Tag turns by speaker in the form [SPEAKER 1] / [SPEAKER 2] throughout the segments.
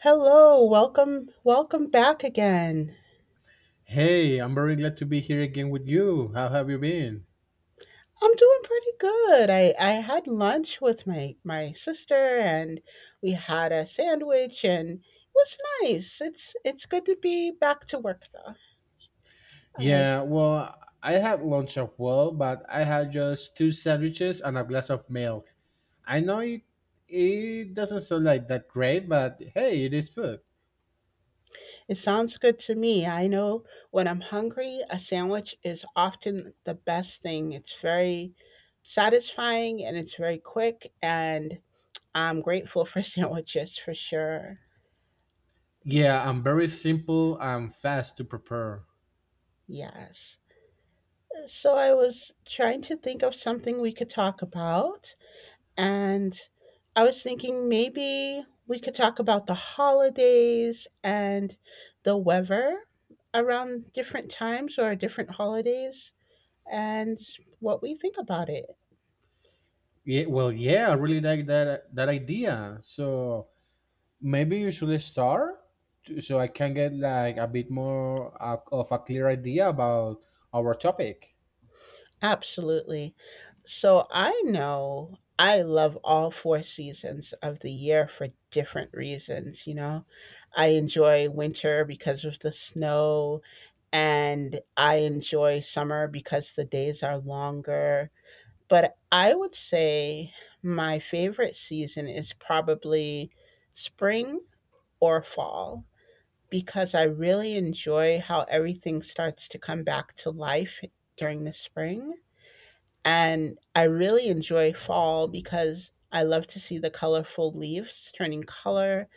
[SPEAKER 1] Hello, welcome, welcome back again.
[SPEAKER 2] Hey, I'm very glad to be here again with you. How have you been?
[SPEAKER 1] I'm doing pretty good. I had lunch with my sister and we had a sandwich and it was nice. It's good to be back to work though. Uh,
[SPEAKER 2] Yeah, well, I had lunch as well, but I had just two sandwiches and a glass of milk. I know it, it doesn't sound like that great, but hey, it is food.
[SPEAKER 1] it sounds good to me. I know when I'm hungry, a sandwich is often the best thing. It's very satisfying and it's very quick and I'm grateful for sandwiches for sure.
[SPEAKER 2] Yeah, I'm very simple and fast to prepare.
[SPEAKER 1] Yes. So I was trying to think of something we could talk about, and I was thinking maybe we could talk about the holidays and the weather around different times or different holidays and what we think about it.
[SPEAKER 2] Yeah, well, yeah, I really like that idea. So maybe you should start so I can get like a bit more of a clear idea about our topic.
[SPEAKER 1] Absolutely. So I know I love all four seasons of the year for different reasons, you know. I enjoy winter because of the snow and I enjoy summer because the days are longer. But I would say my favorite season is probably spring or fall because I really enjoy how everything starts to come back to life during the spring. And I really enjoy fall because I love to see the colorful leaves turning color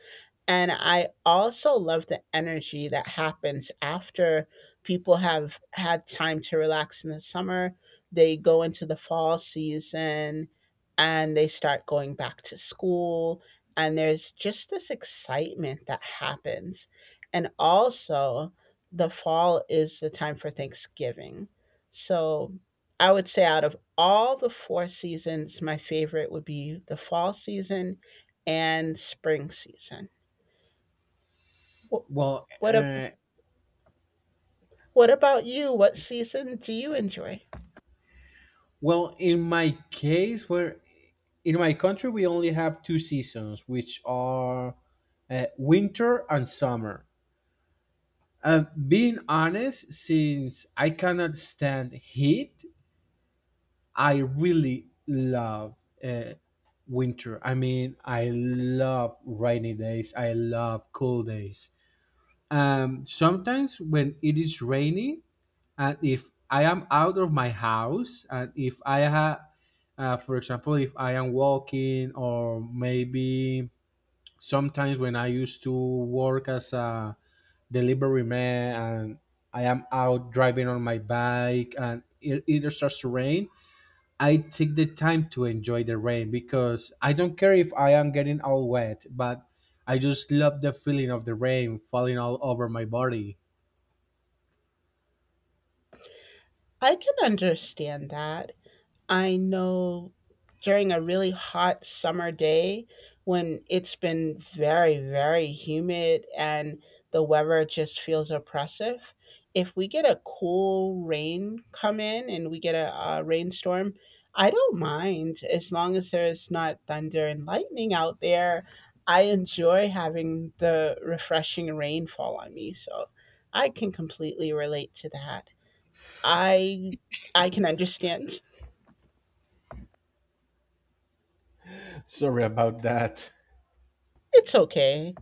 [SPEAKER 1] and I also love the energy that happens after people have had time to relax in the summer. They go into the fall season and they start going back to school. And there's just this excitement that happens. And also, the fall is the time for Thanksgiving. So I would say, out of all the four seasons, my favorite would be the fall season and spring season. Wh-
[SPEAKER 2] Well,
[SPEAKER 1] What ab-
[SPEAKER 2] uh,
[SPEAKER 1] what about you? What season do you enjoy?
[SPEAKER 2] Well, in my case, where in my country we only have two seasons, which are winter and summer. Being honest, since I cannot stand heat, I really love uh, winter. I mean, I love rainy days. I love cool days. Sometimes when it is rainy, and if I am out of my house and if I have for example if I am walking or maybe sometimes when I used to work as a delivery man and I am out driving on my bike and it either starts to rain. I take the time to enjoy the rain because I don't care if I am getting all wet, but I just love the feeling of the rain falling all over my body.
[SPEAKER 1] I can understand that. I know during a really hot summer day when it's been very, very humid and the weather just feels oppressive, if we get a cool rain come in and we get a rainstorm, I don't mind as long as there's not thunder and lightning out there. I enjoy having the refreshing rain fall on me, so I can completely relate to that. I I can understand.
[SPEAKER 2] Sorry about that.
[SPEAKER 1] It's okay.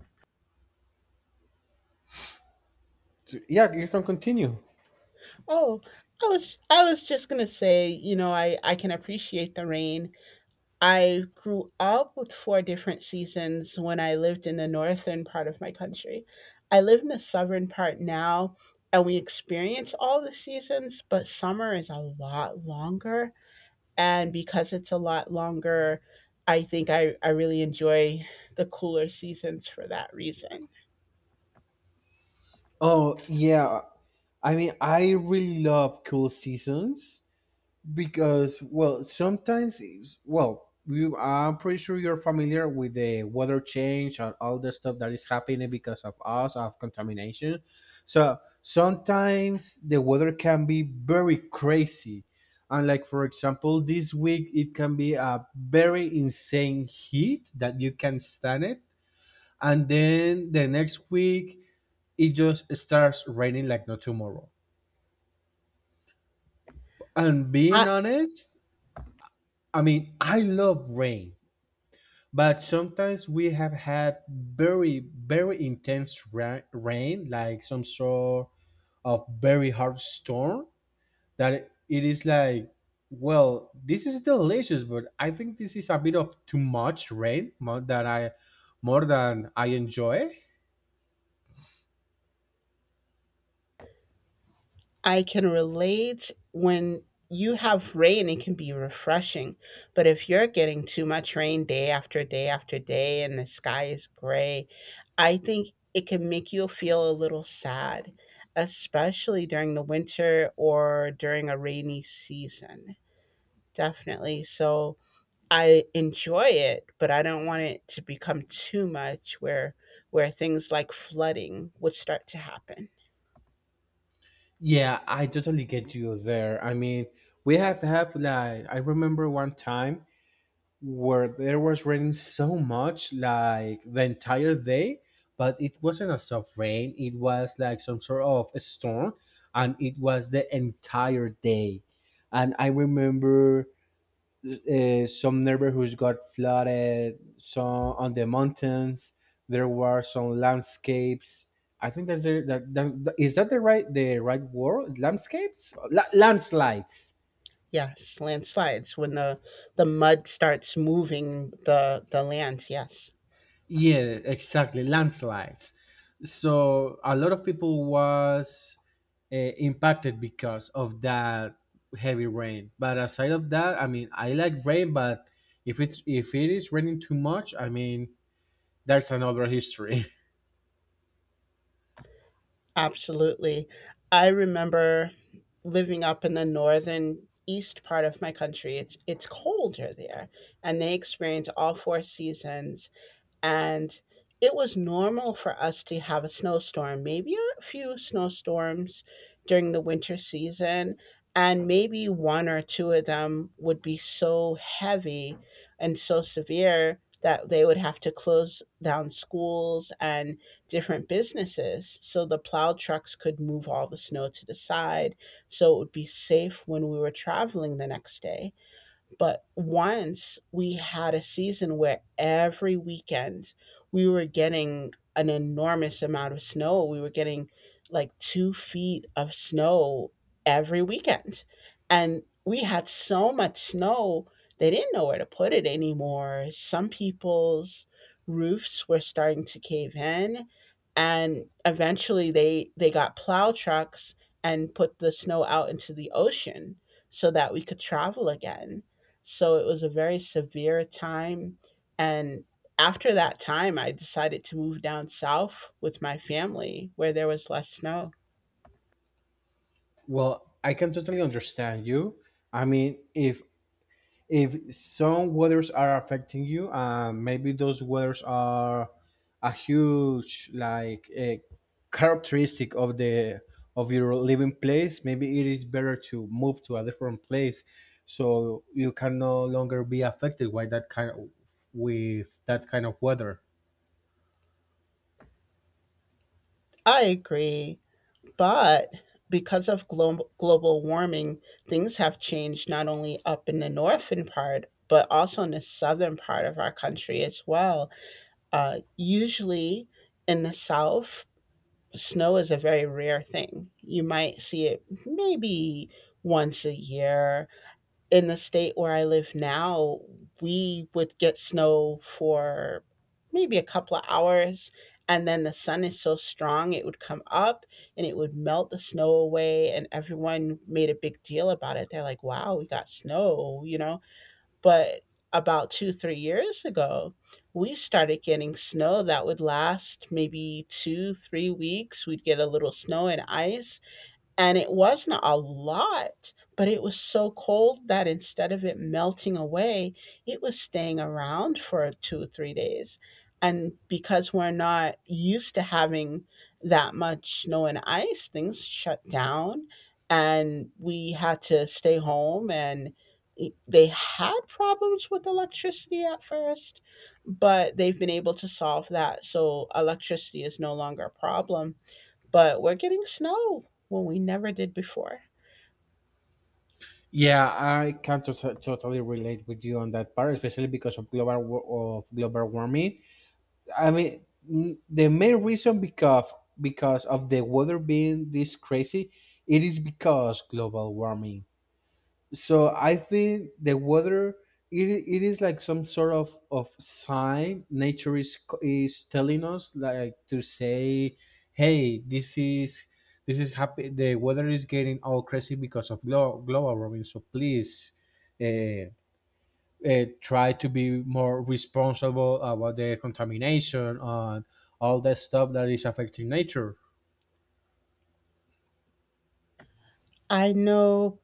[SPEAKER 2] Yeah, you can continue.
[SPEAKER 1] Oh, I was just gonna say, I can appreciate the rain. I grew up with four different seasons when I lived in the northern part of my country. I live in the southern part now, and we experience all the seasons, but summer is a lot longer. And because it's a lot longer, I think I really enjoy the cooler seasons for that reason.
[SPEAKER 2] Oh yeah, I mean I really love cool seasons because well sometimes well I'm pretty sure you're familiar with the weather change and all the stuff that is happening because of us of contamination. So sometimes the weather can be very crazy, and like for example this week it can be a very insane heat that you can stand it, and then the next week it just starts raining like no tomorrow. And being honest, I mean, I love rain, but sometimes we have had very, very intense rain, like some sort of very hard storm that it is like, well, this is delicious, but I think this is a bit of too much rain more than more than I enjoy.
[SPEAKER 1] I can relate when you have rain, it can be refreshing. But if you're getting too much rain day after day after day and the sky is gray, I think it can make you feel a little sad, especially during the winter or during a rainy season. Definitely. So I enjoy it, but I don't want it to become too much where things like flooding would start to happen.
[SPEAKER 2] Yeah, I totally get you there. I mean, we have had like I remember one time where there was raining so much like the entire day but it wasn't a soft rain, it was like some sort of a storm and it was the entire day. And I remember some neighborhoods got flooded, some on the mountains. There were some landscapes. I think that's is that the right word landscapes? Landslides.
[SPEAKER 1] Yes, landslides when the mud starts moving the lands, yes.
[SPEAKER 2] Yeah, exactly. Landslides. So a lot of people was impacted because of that heavy rain. But aside of that, I mean, I like rain, but if it's if it is raining too much, I mean, that's another history.
[SPEAKER 1] Absolutely. I remember living up in the northern east part of my country. It's colder there and they experience all four seasons and it was normal for us to have a snowstorm, maybe a few snowstorms during the winter season, and maybe one or two of them would be so heavy and so severe that they would have to close down schools and different businesses so the plow trucks could move all the snow to the side so it would be safe when we were traveling the next day but once we had a season where every weekend we were getting an enormous amount of snow. We were getting like 2 feet of snow every weekend. And we had so much snow, they didn't know where to put it anymore. Some people's roofs were starting to cave in. And eventually they got plow trucks and put the snow out into the ocean so that we could travel again. So it was a very severe time, and after that time, I decided to move down south with my family where there was less snow.
[SPEAKER 2] Well, I can totally understand you. I mean, if some weathers are affecting you and maybe those weathers are a huge like a characteristic of the of your living place, maybe it is better to move to a different place so you can no longer be affected by that kind of with that kind of weather.
[SPEAKER 1] I agree, but because of global warming, things have changed not only up in the northern part, but also in the southern part of our country as well. Usually in the south, snow is a very rare thing. You might see it maybe once a year in the state where I live now, we would get snow for maybe a couple of hours. And then the sun is so strong, it would come up and it would melt the snow away. And everyone made a big deal about it. They're like, wow, we got snow, you know? But about 2, 3 years ago, we started getting snow that would last maybe 2, 3 weeks. We'd get a little snow and ice and it wasn't a lot, but it was so cold that instead of it melting away, it was staying around for 2, 3 days. And because we're not used to having that much snow and ice, things shut down and we had to stay home. And they had problems with electricity at first, but they've been able to solve that. So electricity is no longer a problem but we're getting snow when we never did before.
[SPEAKER 2] Yeah, I can totally relate with you on that part, especially because of global of global warming. I mean, the main reason because of the weather being this crazy, it is because global warming. So I think the weather it is like some sort of sign nature is telling us like to say, hey, this is happy. The weather is getting all crazy because of global warming. So please. uh, Try to be more responsible about the contamination and all that stuff that is affecting nature.
[SPEAKER 1] I know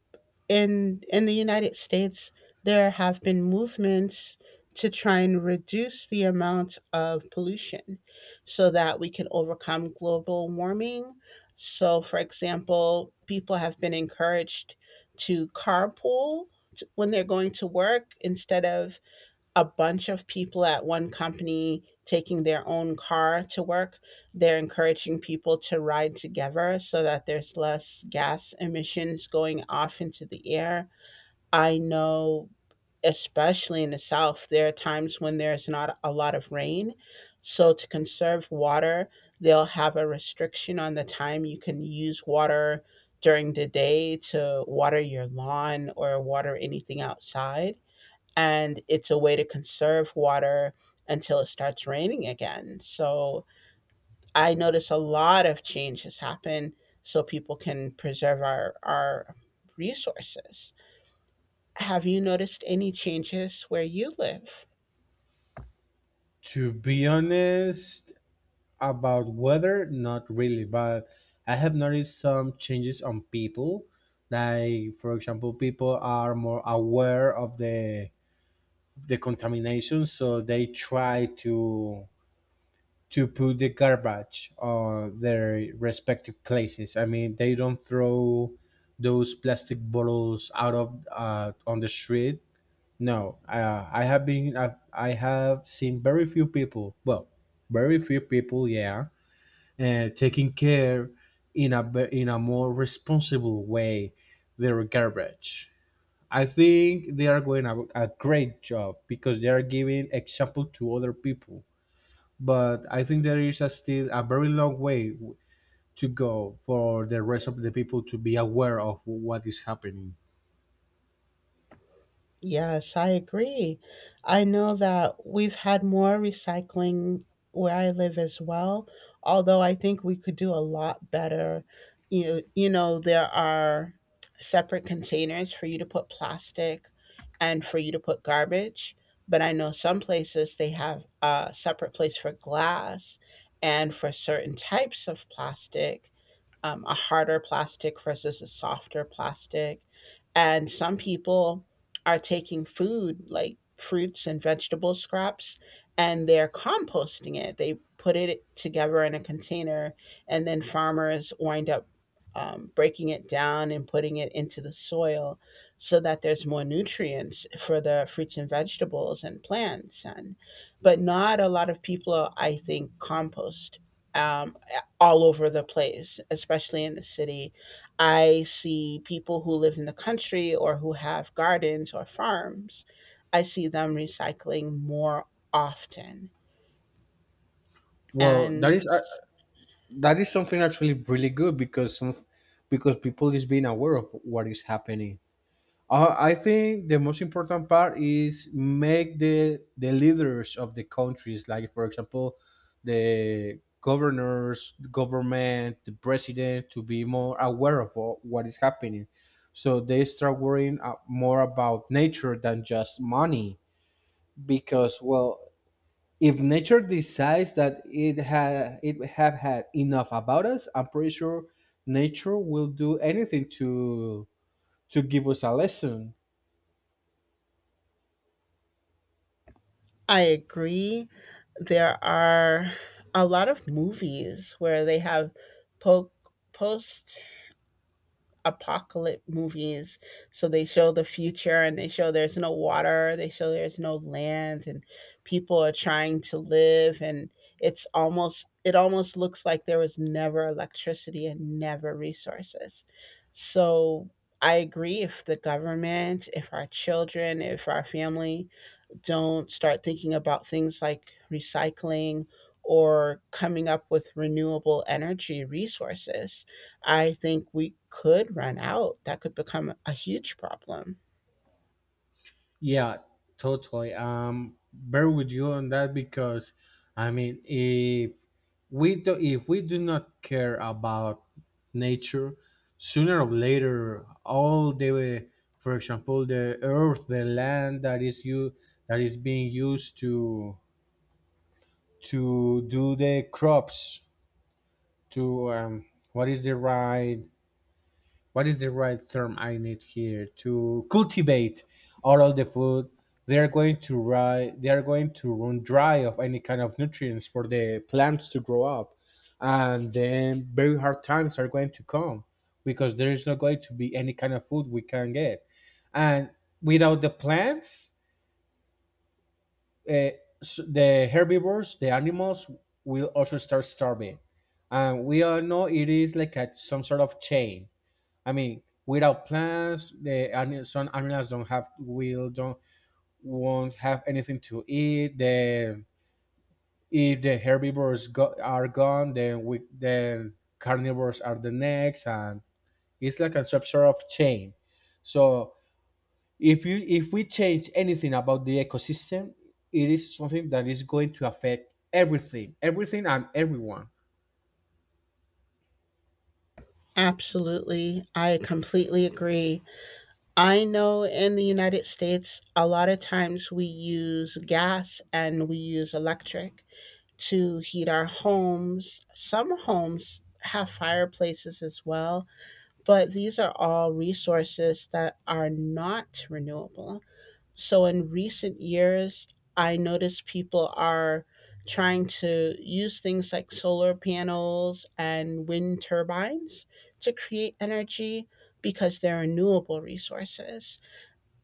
[SPEAKER 1] in the United States there have been movements to try and reduce the amount of pollution so that we can overcome global warming. So for example, people have been encouraged to carpool t- when they're going to work instead of a bunch of people at one company taking their own car to work. They're encouraging people to ride together so that there's less gas emissions going off into the air. I know, especially in the South, there are times when there's not a lot of rain. So, to conserve water, they'll have a restriction on the time you can use water during the day to water your lawn or water anything outside and it's a way to conserve water until it starts raining again. So I notice a lot of changes happen so people can preserve our resources. Have you noticed any changes where you live?
[SPEAKER 2] To be honest, about weather, not really, but I have noticed some changes on people. Like, for example, people are more aware of the contamination, so they try to put the garbage on their respective places. I mean, they don't throw those plastic bottles out of on the street. No, I have seen very few people. Well, very few people, yeah, taking care in a in a more responsible way their garbage. I think they are going a great job because they are giving example to other people, but I think there is a still a very long way to go for the rest of the people to be aware of what is happening.
[SPEAKER 1] Yes, I agree. I know that we've had more recycling where I live as well, although I think we could do a lot better. There are separate containers for you to put plastic and for you to put garbage, but I know some places they have a separate place for glass and for certain types of plastic a harder plastic versus a softer plastic. And some people are taking food like fruits and vegetable scraps and they're composting it. They put it together in a container, and then farmers wind up breaking it down and putting it into the soil so that there's more nutrients for the fruits and vegetables and plants. And but not a lot of people, I think, compost. Um, all over the place, especially in the city. I see people who live in the country or who have gardens or farms. I see them recycling more often.
[SPEAKER 2] Well,
[SPEAKER 1] And
[SPEAKER 2] that is something actually really good because some because people is being aware of what is happening. I think the most important part is make the leaders of the countries, like for example, the governors, the government, the president, to be more aware of what is happening, so they start worrying more about nature than just money. Because well, if nature decides that it have had enough about us, I'm pretty sure nature will do anything to give us a lesson.
[SPEAKER 1] I agree. There are a lot of movies where they have po- post apocalypse movies. So they show the future and they show there's no water, they show there's no land and people are trying to live and it's almost it almost looks like there was never electricity and never resources. So I agree if the government, if our children, if our family don't start thinking about things like recycling or coming up with renewable energy resources, I think we could run out. That could become a huge problem.
[SPEAKER 2] Yeah, totally. Bear with you on that because, I mean, if we do not care about nature, sooner or later, for example, the earth, the land that is being used to do the crops, to what is the right what is the right term I need here to cultivate all of the food. They are going to ri they are going to run dry of any kind of nutrients for the plants to grow up, and then very hard times are going to come because there is not going to be any kind of food we can get, and without the plants, uh, the herbivores, the animals will also start starving, and we all know it is like some sort of chain. I mean, without plans, the some animals don't won't have anything to eat. The If the herbivores are gone, then we then carnivores are the next, and it's like a sort of chain. So if you if we change anything about the ecosystem, it is something that is going to affect everything, everything and everyone.
[SPEAKER 1] Absolutely. I completely agree. I know in the United States, a lot of times we use gas and we use electric to heat our homes. Some homes have fireplaces as well but these are all resources that are not renewable. So in recent years, I noticed people are trying to use things like solar panels and wind turbines to create energy because they're renewable resources.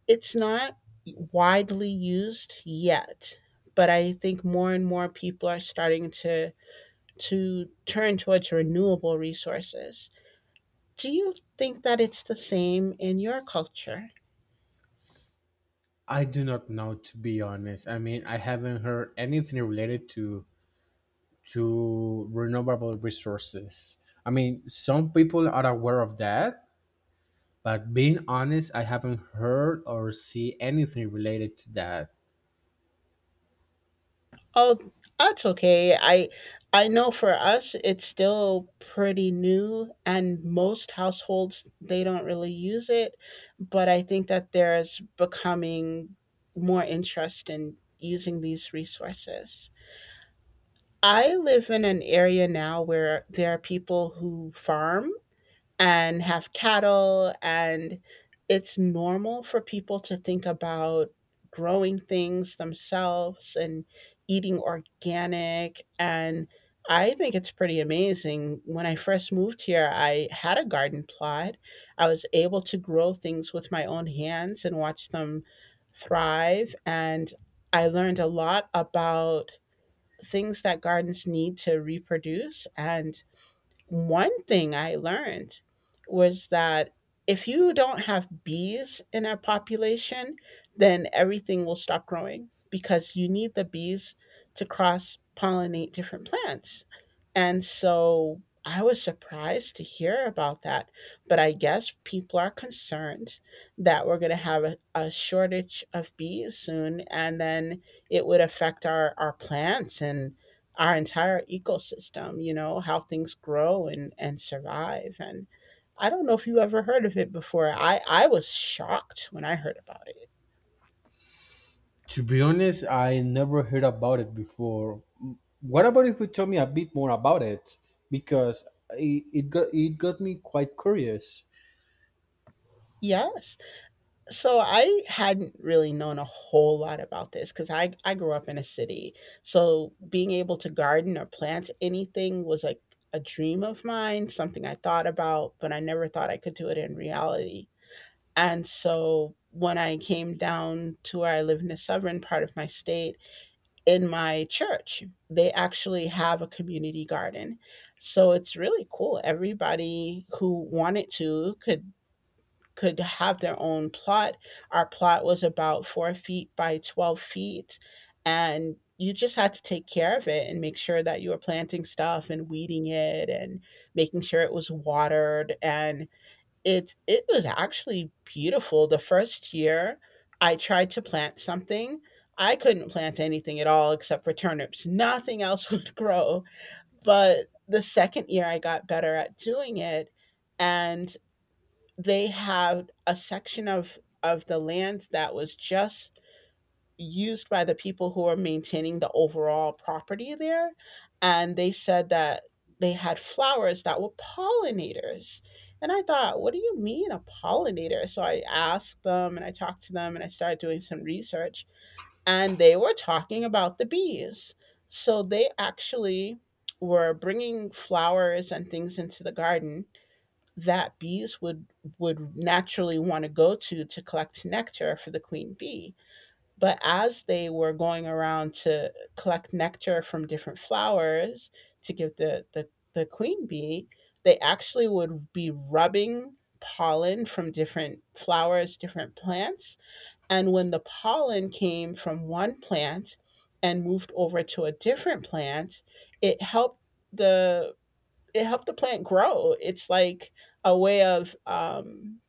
[SPEAKER 1] It's not widely used yet, but I think more and more people are starting to turn towards renewable resources. Do you think that it's the same in your culture?
[SPEAKER 2] I do not know to be honest. I mean, I haven't heard anything related to renewable resources. I mean, some people are aware of that, but being honest, I haven't heard or see anything related to that.
[SPEAKER 1] Oh, that's okay. I know for us it's still pretty new and most households they don't really use it, but I think that there's becoming more interest in using these resources. I live in an area now where there are people who farm and have cattle and it's normal for people to think about growing things themselves and eating organic and I think it's pretty amazing. When I first moved here, I had a garden plot. I was able to grow things with my own hands and watch them thrive and I learned a lot about things that gardens need to reproduce and one thing I learned was that if you don't have bees in a population, then everything will stop growing because you need the bees to cross pollinate different plants. And so I was surprised to hear about that. But I guess people are concerned that we're going to have a shortage of bees soon, and then it would affect our plants and our entire ecosystem, how things grow and survive. And I don't know if you ever heard of it before. I was shocked when I heard about it.
[SPEAKER 2] To be honest, I never heard about it before. What about if you tell me a bit more about it? Because it got me quite curious.
[SPEAKER 1] Yes. So I hadn't really known a whole lot about this because I grew up in a city. So being able to garden or plant anything was like a dream of mine, something I thought about, but I never thought I could do it in reality. And so when I came down to where I live in the southern part of my state, in my church. They actually have a community garden. So it's really cool. Everybody who wanted to could have their own plot. Our plot was about 4 feet by 12 feet. And you just had to take care of it and make sure that you were planting stuff and weeding it and making sure it was watered. And it was actually beautiful. The first year I tried to plant something, I couldn't plant anything at all except for turnips. Nothing else would grow. But the second year I got better at doing it and they had a section of the land that was just used by the people who are maintaining the overall property there. And they said that they had flowers that were pollinators. And I thought, what do you mean a pollinator? So I asked them and I talked to them and I started doing some research. And they were talking about the bees. So they actually were bringing flowers and things into the garden that bees would naturally want to go to collect nectar for the queen bee, but as they were going around to collect nectar from different flowers to give the queen bee, they actually would be rubbing pollen from different flowers, different plants. And when the pollen came from one plant and moved over to a different plant, it helped the it helped the plant grow. It's like a way of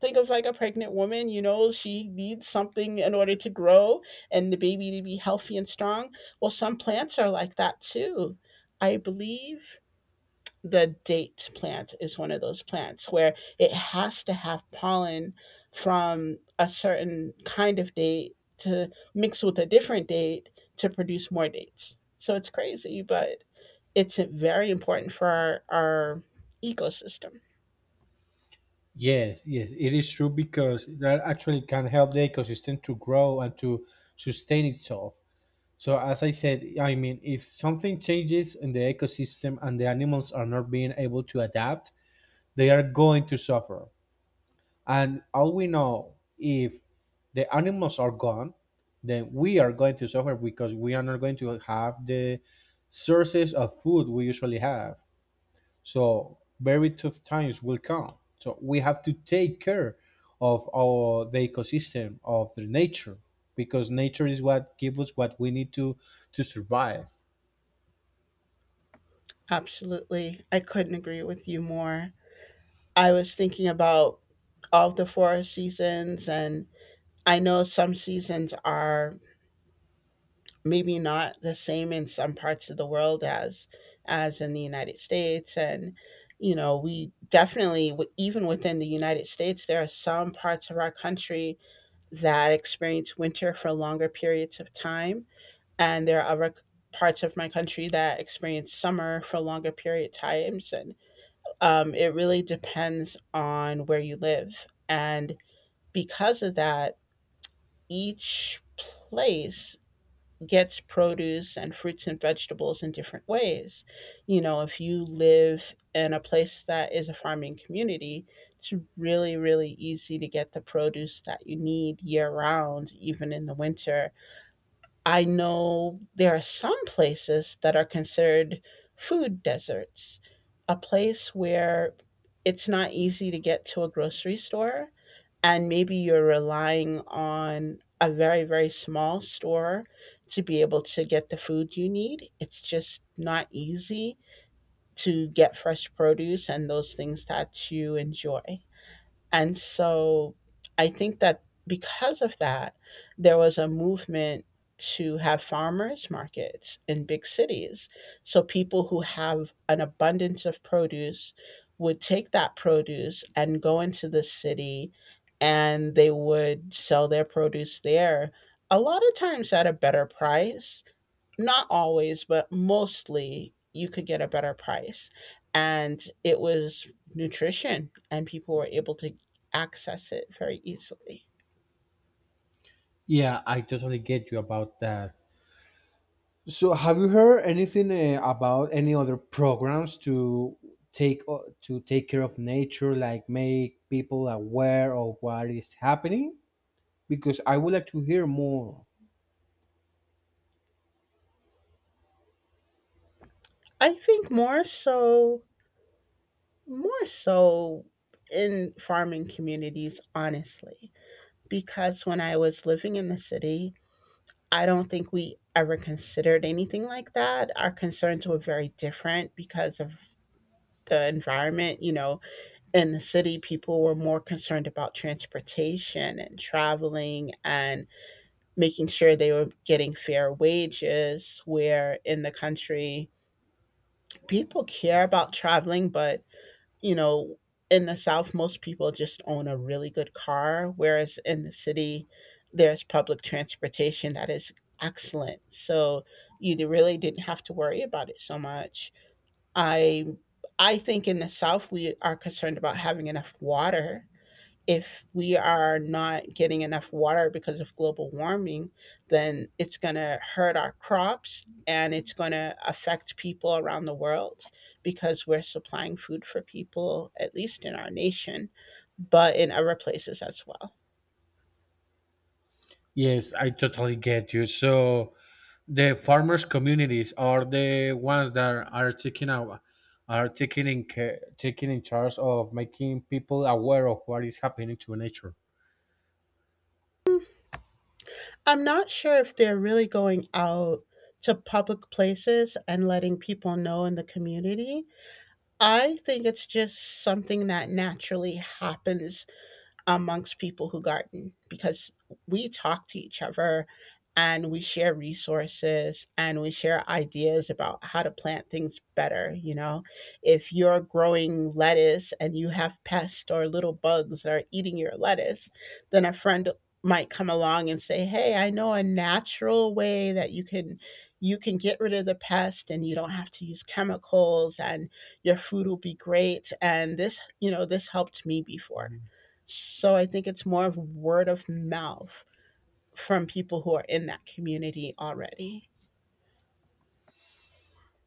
[SPEAKER 1] think of like a pregnant woman, you know, she needs something in order to grow and the baby to be healthy and strong. Well, some plants are like that too. I believe the date plant is one of those plants where it has to have pollen from a certain kind of date to mix with a different date to produce more dates. So it's crazy, but it's very important for our ecosystem.
[SPEAKER 2] Yes, yes, it is true because that actually can help the ecosystem to grow and to sustain itself. So, as I said, I mean, if something changes in the ecosystem and the animals are not being able to adapt, they are going to suffer. And all we know, if the animals are gone, then we are going to suffer because we are not going to have the sources of food we usually have. So, very tough times will come. So, we have to take care of the ecosystem, of the nature, because nature is what gives us what we need to survive.
[SPEAKER 1] Absolutely. I couldn't agree with you more. I was thinking about all of the four seasons, and I know some seasons are maybe not the same in some parts of the world as in the United States, and you know we definitely even within the United States, there are some parts of our country that experience winter for longer periods of time, and there are other parts of my country that experience summer for longer period times and it really depends on where you live. And because of that, each place gets produce and fruits and vegetables in different ways. You know, if you live in a place that is a farming community, it's really, really easy to get the produce that you need year round, even in the winter. I know there are some places that are considered food deserts, a place where it's not easy to get to a grocery store, and maybe you're relying on a very, very small store to be able to get the food you need. It's just not easy to get fresh produce and those things that you enjoy. And so I think that because of that, there was a movement to have farmers markets in big cities. So people who have an abundance of produce would take that produce and go into the city and they would sell their produce there a lot of times at a better price, not always, but mostly you could get a better price. And it was nutrition, and people were able to access it very easily.
[SPEAKER 2] Yeah, I totally get you about that. So, have you heard anything about any other programs to take care of nature, like make people aware of what is happening? Because I would like to hear more.
[SPEAKER 1] I think more so, more so in farming communities, honestly, because when I was living in the city, I don't think we ever considered anything like that. Our concerns were very different because of the environment, you know, in the city, people were more concerned about transportation and traveling and making sure they were getting fair wages. Where in the country, people care about traveling, but you know, in the South, most people just own a really good car, whereas in the city, there's public transportation that is excellent. So you really didn't have to worry about it so much. I I think in the South, we are concerned about having enough water. If we are not getting enough water because of global warming, then it's going to hurt our crops and it's going to affect people around the world because we're supplying food for people, at least in our nation, but in other places as well.
[SPEAKER 2] Yes, I totally get you. So the farmers' communities are the ones that are are taking in care, taking in charge of making people aware of what is happening to nature.
[SPEAKER 1] I'm not sure if they're really going out to public places and letting people know in the community. I think it's just something that naturally happens amongst people who garden because we talk to each other and we share resources and we share ideas about how to plant things better. You know, if you're growing lettuce and you have pests or little bugs that are eating your lettuce, then a friend might come along and say, hey, I know a natural way that you can get rid of the pest and you don't have to use chemicals and your food will be great and this, you know, this helped me before. So I think it's more of word of mouth from people who are in that community already.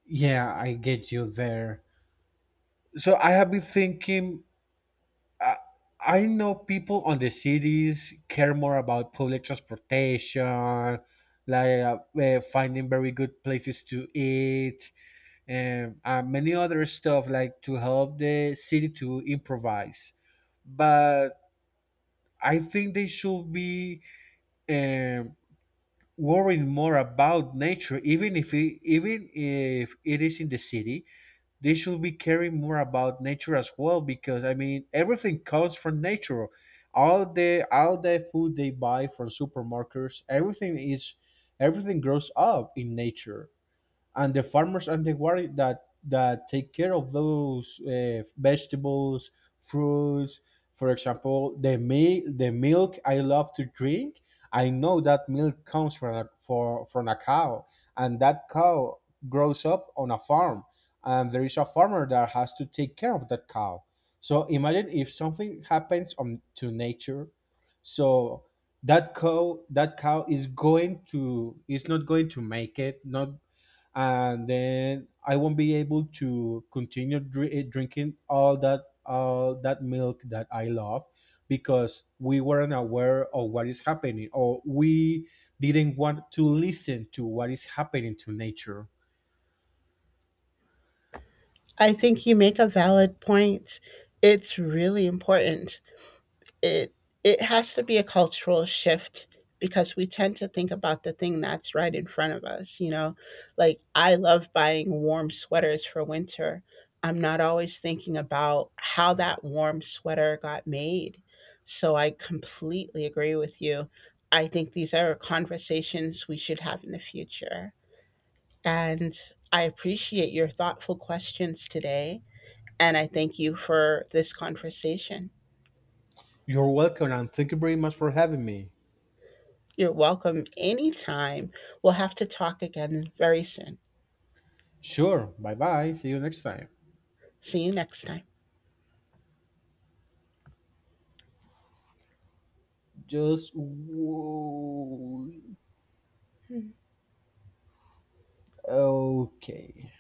[SPEAKER 2] Yeah, I get you there. So I have been thinking, I know people on the cities care more about public transportation, like finding very good places to eat, and many other stuff like to help the city to improvise. But I think they should be um, worrying more about nature, even if even if it is in the city. They should be caring more about nature as well because I mean everything comes from nature. All the food they buy from supermarkets, everything is everything grows up in nature, and the farmers and the war that take care of those vegetables, fruits. For example, the milk. The milk I love to drink. I know that milk comes from from a cow, and that cow grows up on a farm, and there is a farmer that has to take care of that cow. So imagine if something happens on to nature, so that cow is not going to make it not, and then I won't be able to continue drinking all that milk that I love because we weren't aware of what is happening or we didn't want to listen to what is happening to nature.
[SPEAKER 1] I think you make a valid point. It's really important. it it has to be a cultural shift because we tend to think about the thing that's right in front of us, you know, like I love buying warm sweaters for winter. I'm not always thinking about how that warm sweater got made. So I completely agree with you. I think these are conversations we should have in the future, and I appreciate your thoughtful questions today, and I thank you for this conversation.
[SPEAKER 2] You're welcome and thank you very much for having me.
[SPEAKER 1] You're welcome anytime. We'll have to talk again very soon.
[SPEAKER 2] Sure, bye bye. See you next time.
[SPEAKER 1] See you next time.
[SPEAKER 2] Just w- okay.